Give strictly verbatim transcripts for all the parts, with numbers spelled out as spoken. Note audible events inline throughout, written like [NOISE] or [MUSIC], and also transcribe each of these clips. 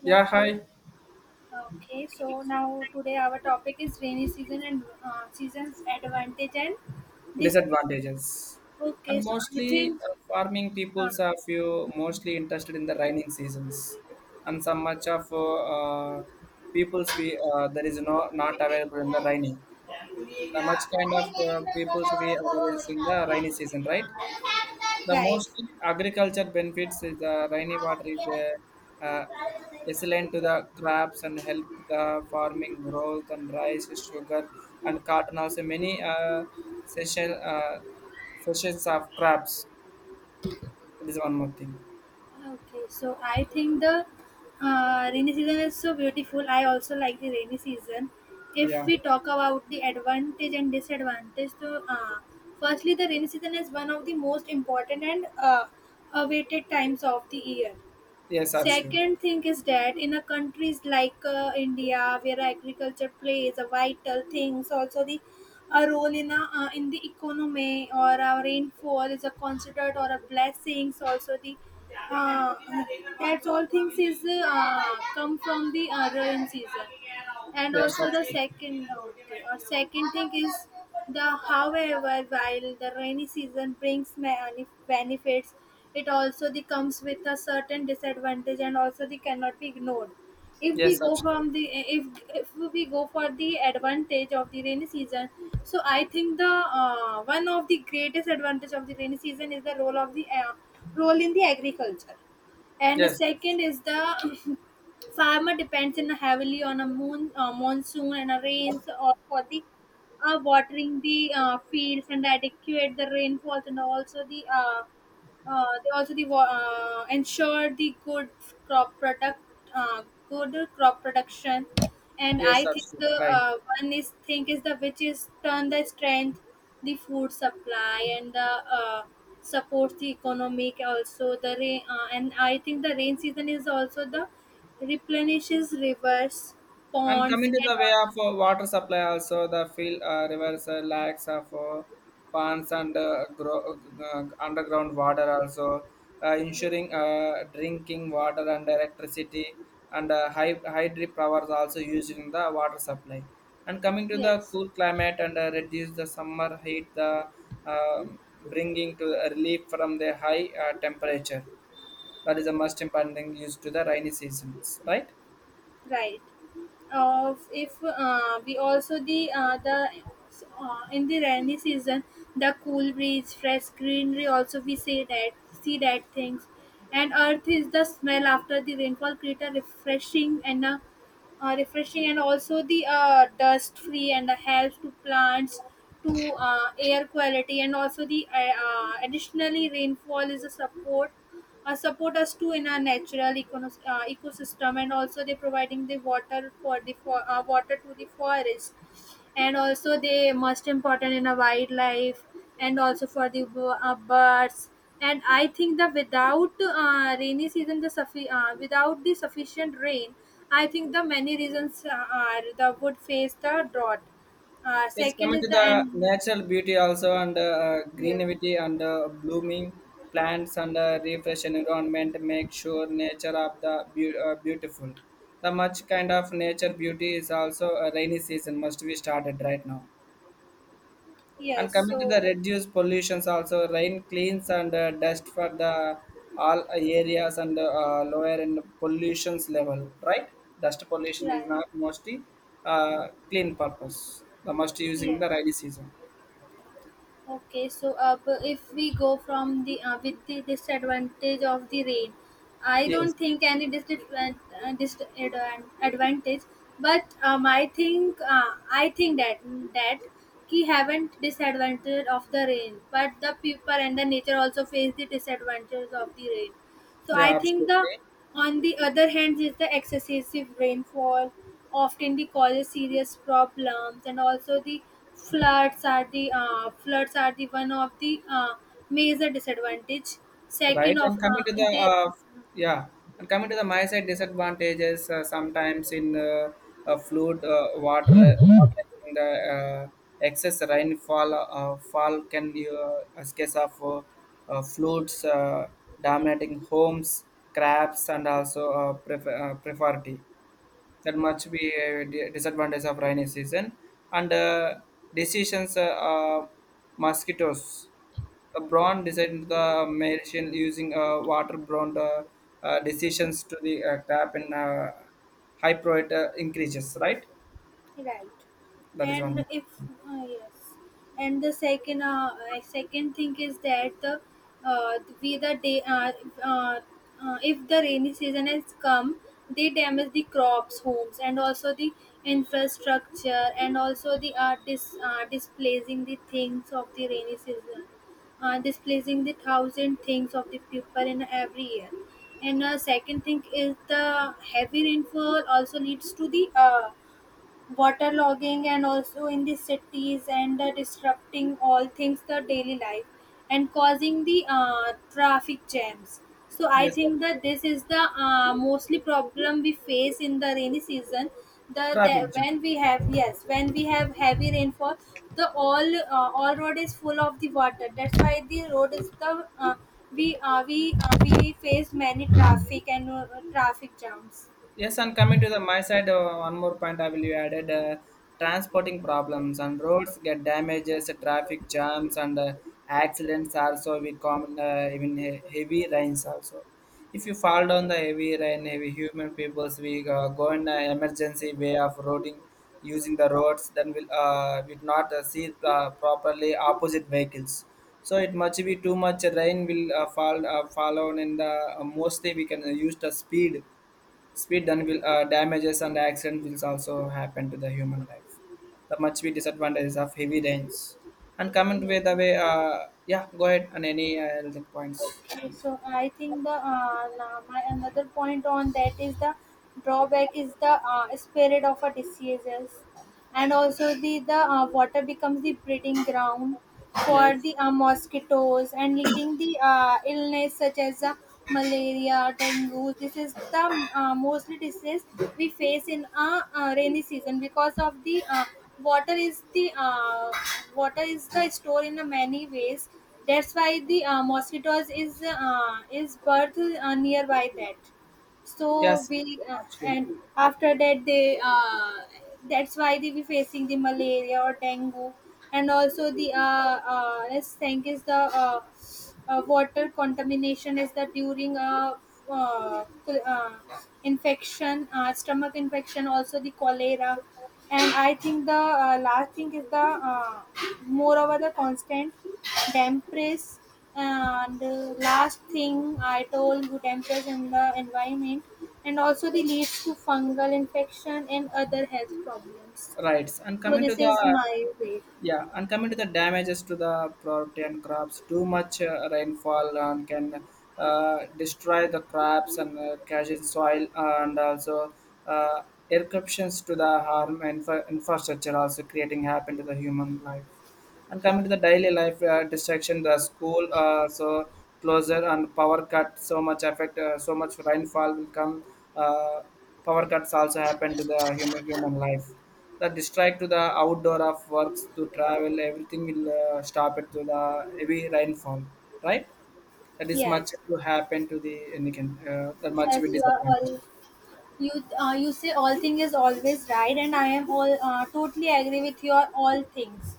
Hello. Yeah, hi. Okay, so now today our topic is rainy season and uh, seasons advantage and disadvantage. Disadvantages. Okay, And so I mostly think uh, farming um, peoples are few mostly interested in the raining seasons, and some much of uh, uh, peoples we uh, there is no not available in the raining. The much kind of uh, peoples we available in the rainy season, right? The right. most agriculture benefits is the rainy water is uh, uh, excellent to the crops and help the farming growth and rice, sugar and cotton also many uh, session uh, sessions of crops. That is one more thing. Okay, so I think the uh, rainy season is so beautiful. I also like the rainy season. If Yeah. we talk about the advantage and disadvantage, so uh, firstly, the rainy season is one of the most important and uh, awaited times of the year. Yes, absolutely. Second thing is that in a countries like uh, India, where agriculture plays a vital things, also the a role in a, uh, in the economy or our rainfall is a considered or a blessings also the uh, that's all things is uh, come from the uh, rain season and Yes, also the absolutely. second okay, or second thing is the however, while the rainy season brings many benefits, it also the comes with a certain disadvantage and also they cannot be ignored. if we Yes, go absolutely. from the if if we go for the advantage of the rainy season, so I think the uh, one of the greatest advantage of the rainy season is the role of the uh, role in the agriculture, and Yes, yes. second is the farmer depends in heavily on a moon, uh, monsoon and a rains or for the uh, watering the uh, fields and adequate the rainfalls, and also the uh, uh, they also the wa- uh, ensure the good crop product, uh, good crop production. And Yes, I think absolutely. the Right. uh, one is thing is the which is turn the strength, the food supply, and the uh, support the economic also the rain, uh, and I think the rain season is also the replenishes rivers, And ponds, coming to and the way also, of uh, water supply also, the field, uh, rivers, uh, lakes of uh, ponds and uh, gro- uh, underground water also, uh, yeah, ensuring uh, drinking water and electricity and uh, hy- hydro powers also used in the water supply. And coming to the yes, cool climate and uh, reduce the summer heat, the um, bringing to relief from the high uh, temperature. That is the most important thing used to the rainy seasons, right? right. Of if uh, we also the uh, the uh, in the rainy season the cool breeze fresh greenery also we see that, see that things, and earth is the smell after the rainfall create a refreshing and a uh, refreshing and also the uh, dust free and the helps to plants to uh, air quality, and also the uh, uh, additionally rainfall is a support uh, support us to in our natural econos- uh, ecosystem, and also they providing the water for the for, uh, water to the forest, and also they most important in a wildlife, and also for the b- uh, birds, and I think that without uh, rainy season the suffi- uh, without the sufficient rain, I think the many reasons uh, are the wood face the drought. Uh, Yes, second coming is to the the end. natural beauty also and uh, Yes. greenery and uh, blooming plants and uh, refresh environment make sure nature of the beau- uh, beautiful. The much kind of nature beauty is also a rainy season must be started right now. And Yes, coming to the so reduced pollutions also rain cleans and uh, dust for the all areas and uh, lower and pollutions level right. Dust pollution is right. not mostly uh, clean purpose. The must using Yes. the rainy season. Okay, so uh, if we go from the uh, with the disadvantage of the rain, I Yes, don't think any disadvantage, uh, disadvantage but um, I think uh, I think that that he haven't disadvantage of the rain, but the people and the nature also face the disadvantages of the rain. So I yeah, think the absolutely on the other hand is the excessive rainfall often the causes serious problems, and also the floods are the uh, floods are the one of the uh, major disadvantage. right. Second of And coming uh, to the they uh, yeah, and coming to the my side disadvantages uh, sometimes in uh, uh, fluid uh, water, le- water in the uh, excess rainfall uh, fall can be uh, a case of uh, uh, floods uh, dominating homes, crabs, and also uh, pref- uh, prefarity. That much be a di- disadvantage of rainy season and uh, decisions uh, uh, mosquitoes the brown decided the medicine using uh, water brown uh, uh, decisions to the uh, tap and uh, high priority uh, increases, right? right. That is one. And if uh, yes, and the second uh, uh, second thing is that the uh, we the day uh, uh, uh, if the rainy season has come, they damage the crops homes and also the infrastructure, and also the uh, dis, uh, displacing the things of the rainy season, uh, displacing the thousand things of the people in every year. And uh, second thing is the heavy rainfall also leads to the uh, waterlogging and also in the cities, and uh, disrupting all things the daily life and causing the uh, traffic jams. So I Yes, think absolutely. that this is the uh, mostly problem we face in the rainy season. The, the Traffic jam. when we have yes when we have heavy rainfall, the all uh, all road is full of the water, that's why the road is the uh, we uh, we uh, we face many traffic and uh, traffic jams. Yes, and coming to the my side, uh, one more point I will you added uh, transporting problems and roads get damages, uh, traffic jams, and uh, accidents also we common uh, even he- heavy rains also. If you fall down the heavy rain, heavy human peoples, we uh, go in an emergency way of roading using the roads, then we'll uh, we not uh, see uh, properly opposite vehicles. So it much be too much rain will uh, fall uh, fall on, and uh, mostly we can uh, use the speed Speed then will uh, damages and accident will also happen to the human life. The much be disadvantages of heavy rains. And coming Yes. with the way, uh, yeah, go ahead and any uh, anything points. Okay, so I think the uh, na- my another point on that is the drawback is the uh, spread of a diseases, and also the the uh, water becomes the breeding ground for Yes, the uh, mosquitoes and leading the uh, illness such as uh, malaria, dengue. This is the uh, mostly disease we face in a uh, rainy season, because of the uh, water is the uh, water is the store in a many ways. That's why the uh, mosquitoes is uh, is birth uh, nearby that. So yes, we uh, and absolutely. after that they uh, that's why they be facing the malaria or dengue, and also the uh, uh let's think is the uh, uh, water contamination is that during a uh, uh, infection, uh, stomach infection, also the cholera, and I think the uh, last thing is the uh, moreover the constant dampness, and uh, last thing I told you dampness in the environment, and also the leads to fungal infection and other health problems. Right. And So coming to this the. is my way. Yeah, and coming to the damages to the property and crops, too much uh, rainfall and can uh, destroy the crops and uh, causing soil and also uh, eruptions to the harm and infra- infrastructure, also creating happen to the human life. And coming to the daily life uh, distraction, the school uh, so closer and power cut so much effect, uh, so much rainfall will come. Uh, Power cuts also happen to the human human life. The distract to the outdoor of works to travel, everything will uh, stop it to the heavy rainfall, right? That is much Yes, to happen to the any can uh, that much yes, will you are all disadvantage. you uh, you say all thing is always right, and I am all uh, totally agree with your all things,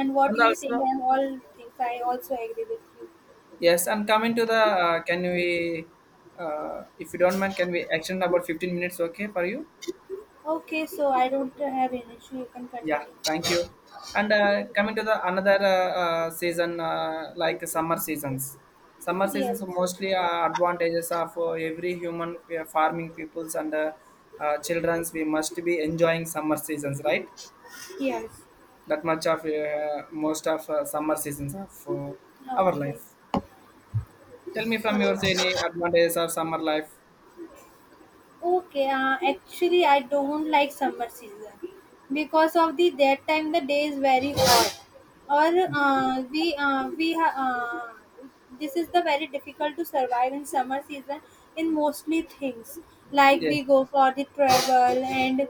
and And what you also saying and all things. I also agree with you. yes, and coming to the uh, can we uh, if you don't mind, can we extend about fifteen minutes, okay, for you? Okay, so I don't have an issue. You can Yeah, continue. thank you. And uh, coming to the another uh, uh, season, uh, like summer seasons. Summer Yes, seasons are mostly uh, advantages of uh, every human uh, farming peoples and uh, uh, childrens. We must be enjoying summer seasons, right? yes. That much of uh, most of uh, summer seasons of uh, our Okay, life. Tell me so from yours any advantages of summer life. okay, uh, actually, I don't like summer season, because of the that time the day is very hot, or uh, we uh, we ha- uh, this is the very difficult to survive in summer season in mostly things, like we Yes, go for the travel and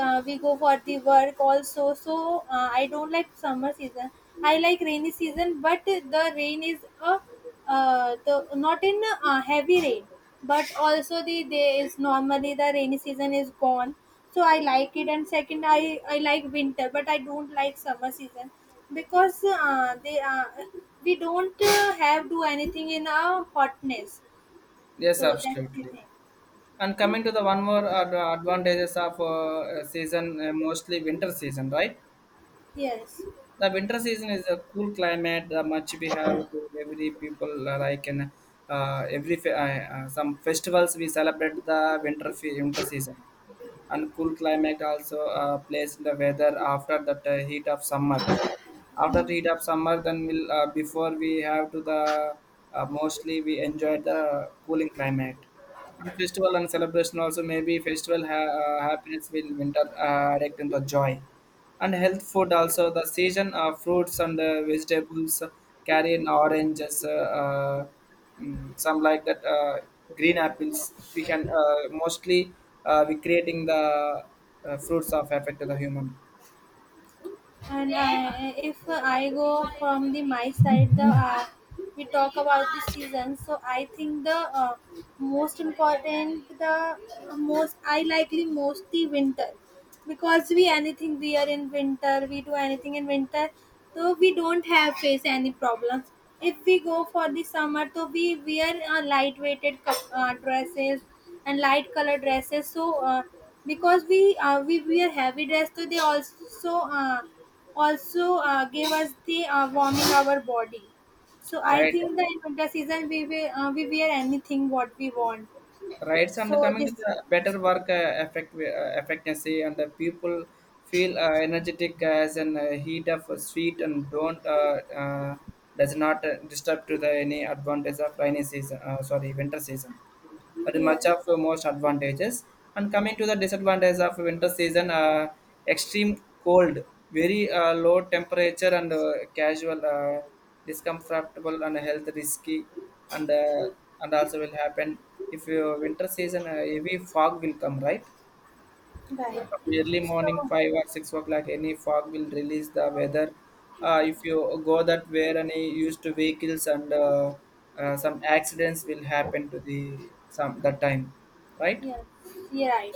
uh, we go for the work also. So uh, I don't like summer season. I like rainy season, but the rain is a uh, the not in uh, heavy rain, but also the there is normally the rainy season is gone, so I like it. And second, i i like winter, but I don't like summer season, because uh, they uh, we don't uh, have do anything in our hotness, yes, so that's the absolutely. thing. And coming to the one more ad- advantages of uh, uh, season, uh, mostly winter season, right? Yes, The winter season is a cool climate. The much we have to every people uh, like in uh, every fe- uh, uh, some festivals we celebrate the winter fe- winter season and cool climate also uh, plays in the weather after that uh, heat of summer after the heat of summer then we'll uh, before we have to the uh, mostly we enjoy the cooling climate and festival and celebration also maybe festival ha- uh, happiness will winter uh, direct into joy and health food also the season of fruits and uh, vegetables carry in oranges uh, uh, mm, some like that uh, green apples we can uh, mostly uh, we creating the uh, fruits of effect to the human. and I, if I go from the my side, the uh, we talk about the season. So I think the uh, most important, the most I likely most the winter, because we anything we are in winter, we do anything in winter, so we don't have face any problems. If we go for the summer, so we wear uh, lightweighted cup, uh, dresses and light color dresses. So uh, because we uh, we wear heavy dress, so they also uh, also uh, gave us the uh, warming our body. So I Right. think that in winter season we wear, uh, we wear anything what we want. Rights and So coming to this the better work uh, effect uh, efficiency and the people feel uh, energetic as an uh, heat of a sweet and don't uh, uh, does not uh, disturb to the any advantage of rainy season uh, sorry winter season. That is yeah, much of the most advantages. And coming to the disadvantages of winter season, uh, extreme cold, very uh, low temperature and uh, casual, uh, discomfortable and health risky, and uh, and also will happen if your winter season uh, heavy fog will come, right? right. Early morning So five or six o'clock any fog will release the weather. Uh, if you go that way any used to vehicles and uh, uh, some accidents will happen to the some that time, right? yes, you're right.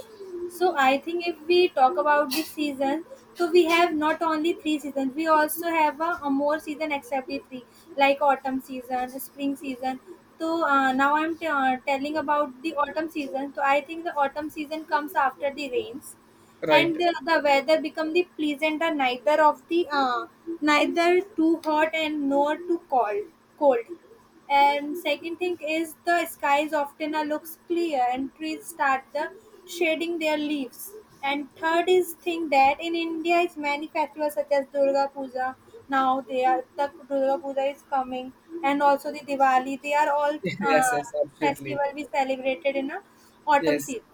So I think if we talk about the season, so we have not only three seasons, we also have a, a more season except the three, like autumn season, spring season. So uh, now I'm t- uh, telling about the autumn season. So I think the autumn season comes after the rains, Right. and the, the weather become the pleasant and neither of the uh, neither too hot and nor too cold. Cold. And second thing is the skies often are looks clear, and trees start the shading their leaves. And third is thing that in India is many festivals such as Durga Puja. Now they are the Durga Puja is coming, and also the Diwali. They are all [LAUGHS] Yes, uh, yes, absolutely. festival we celebrated in a autumn Yes. season.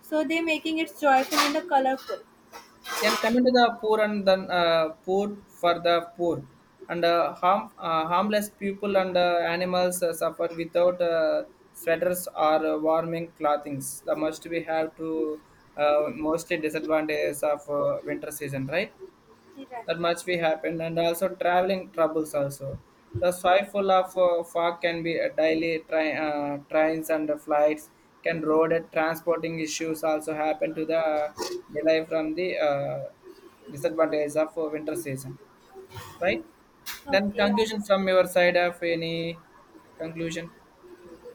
So they making it joyful and the colorful. Then coming to the poor and then uh, poor for the poor and uh, harm uh, harmless people and uh, animals uh, suffer without uh, sweaters or uh, warming clothings. The must we have to uh, mostly disadvantages of uh, winter season, right? Right. That much we happen and also traveling troubles also the Yeah. soil full of uh, fog can be a daily tri- uh, trains and the flights can road and transporting issues also happen to the uh, delay from the uh, disadvantages of uh, winter season, right? Then Okay. Right. conclusion from your side of any conclusion.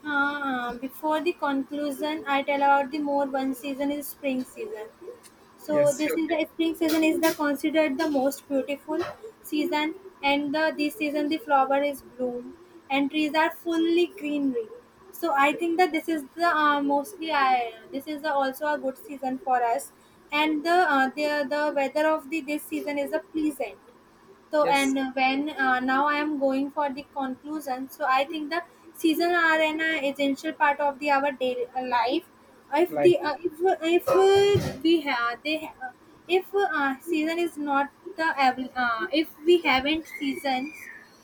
Uh, before the conclusion, I tell about the more one season is spring season. So Yes. this is Okay. the spring season is the considered the most beautiful season, and the this season the flower is bloom and trees are fully greenery. So I Yes, think that this is the uh, mostly I this is the, also a good season for us, and the uh, the the weather of the this season is a pleasant. So yes. and when uh, now I am going for the conclusion. So I think the season are an uh, essential part of the our daily uh, life. If Like. the uh, if if uh, we have they ha- if uh, season is not the avail- uh, if we haven't seasons,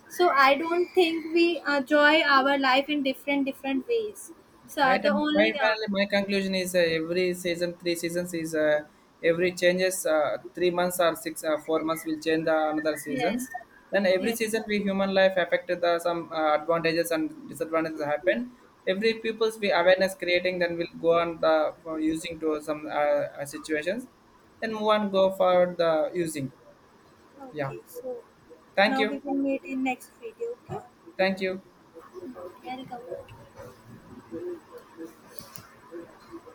so I don't think we enjoy our life in different different ways. So uh, Right, the and fi- only uh, finally, my conclusion is uh, every season, three seasons is uh, every changes uh, three months or six uh, four months will change the another seasons. yes Then every yes season, we human life affected the some uh, advantages and disadvantages happen. Every people's we awareness creating, then will go on the for using to some uh, uh, situations, then move on go for the using. Yeah, okay. So thank now we you, will meet in next video. thank you. Okay, welcome.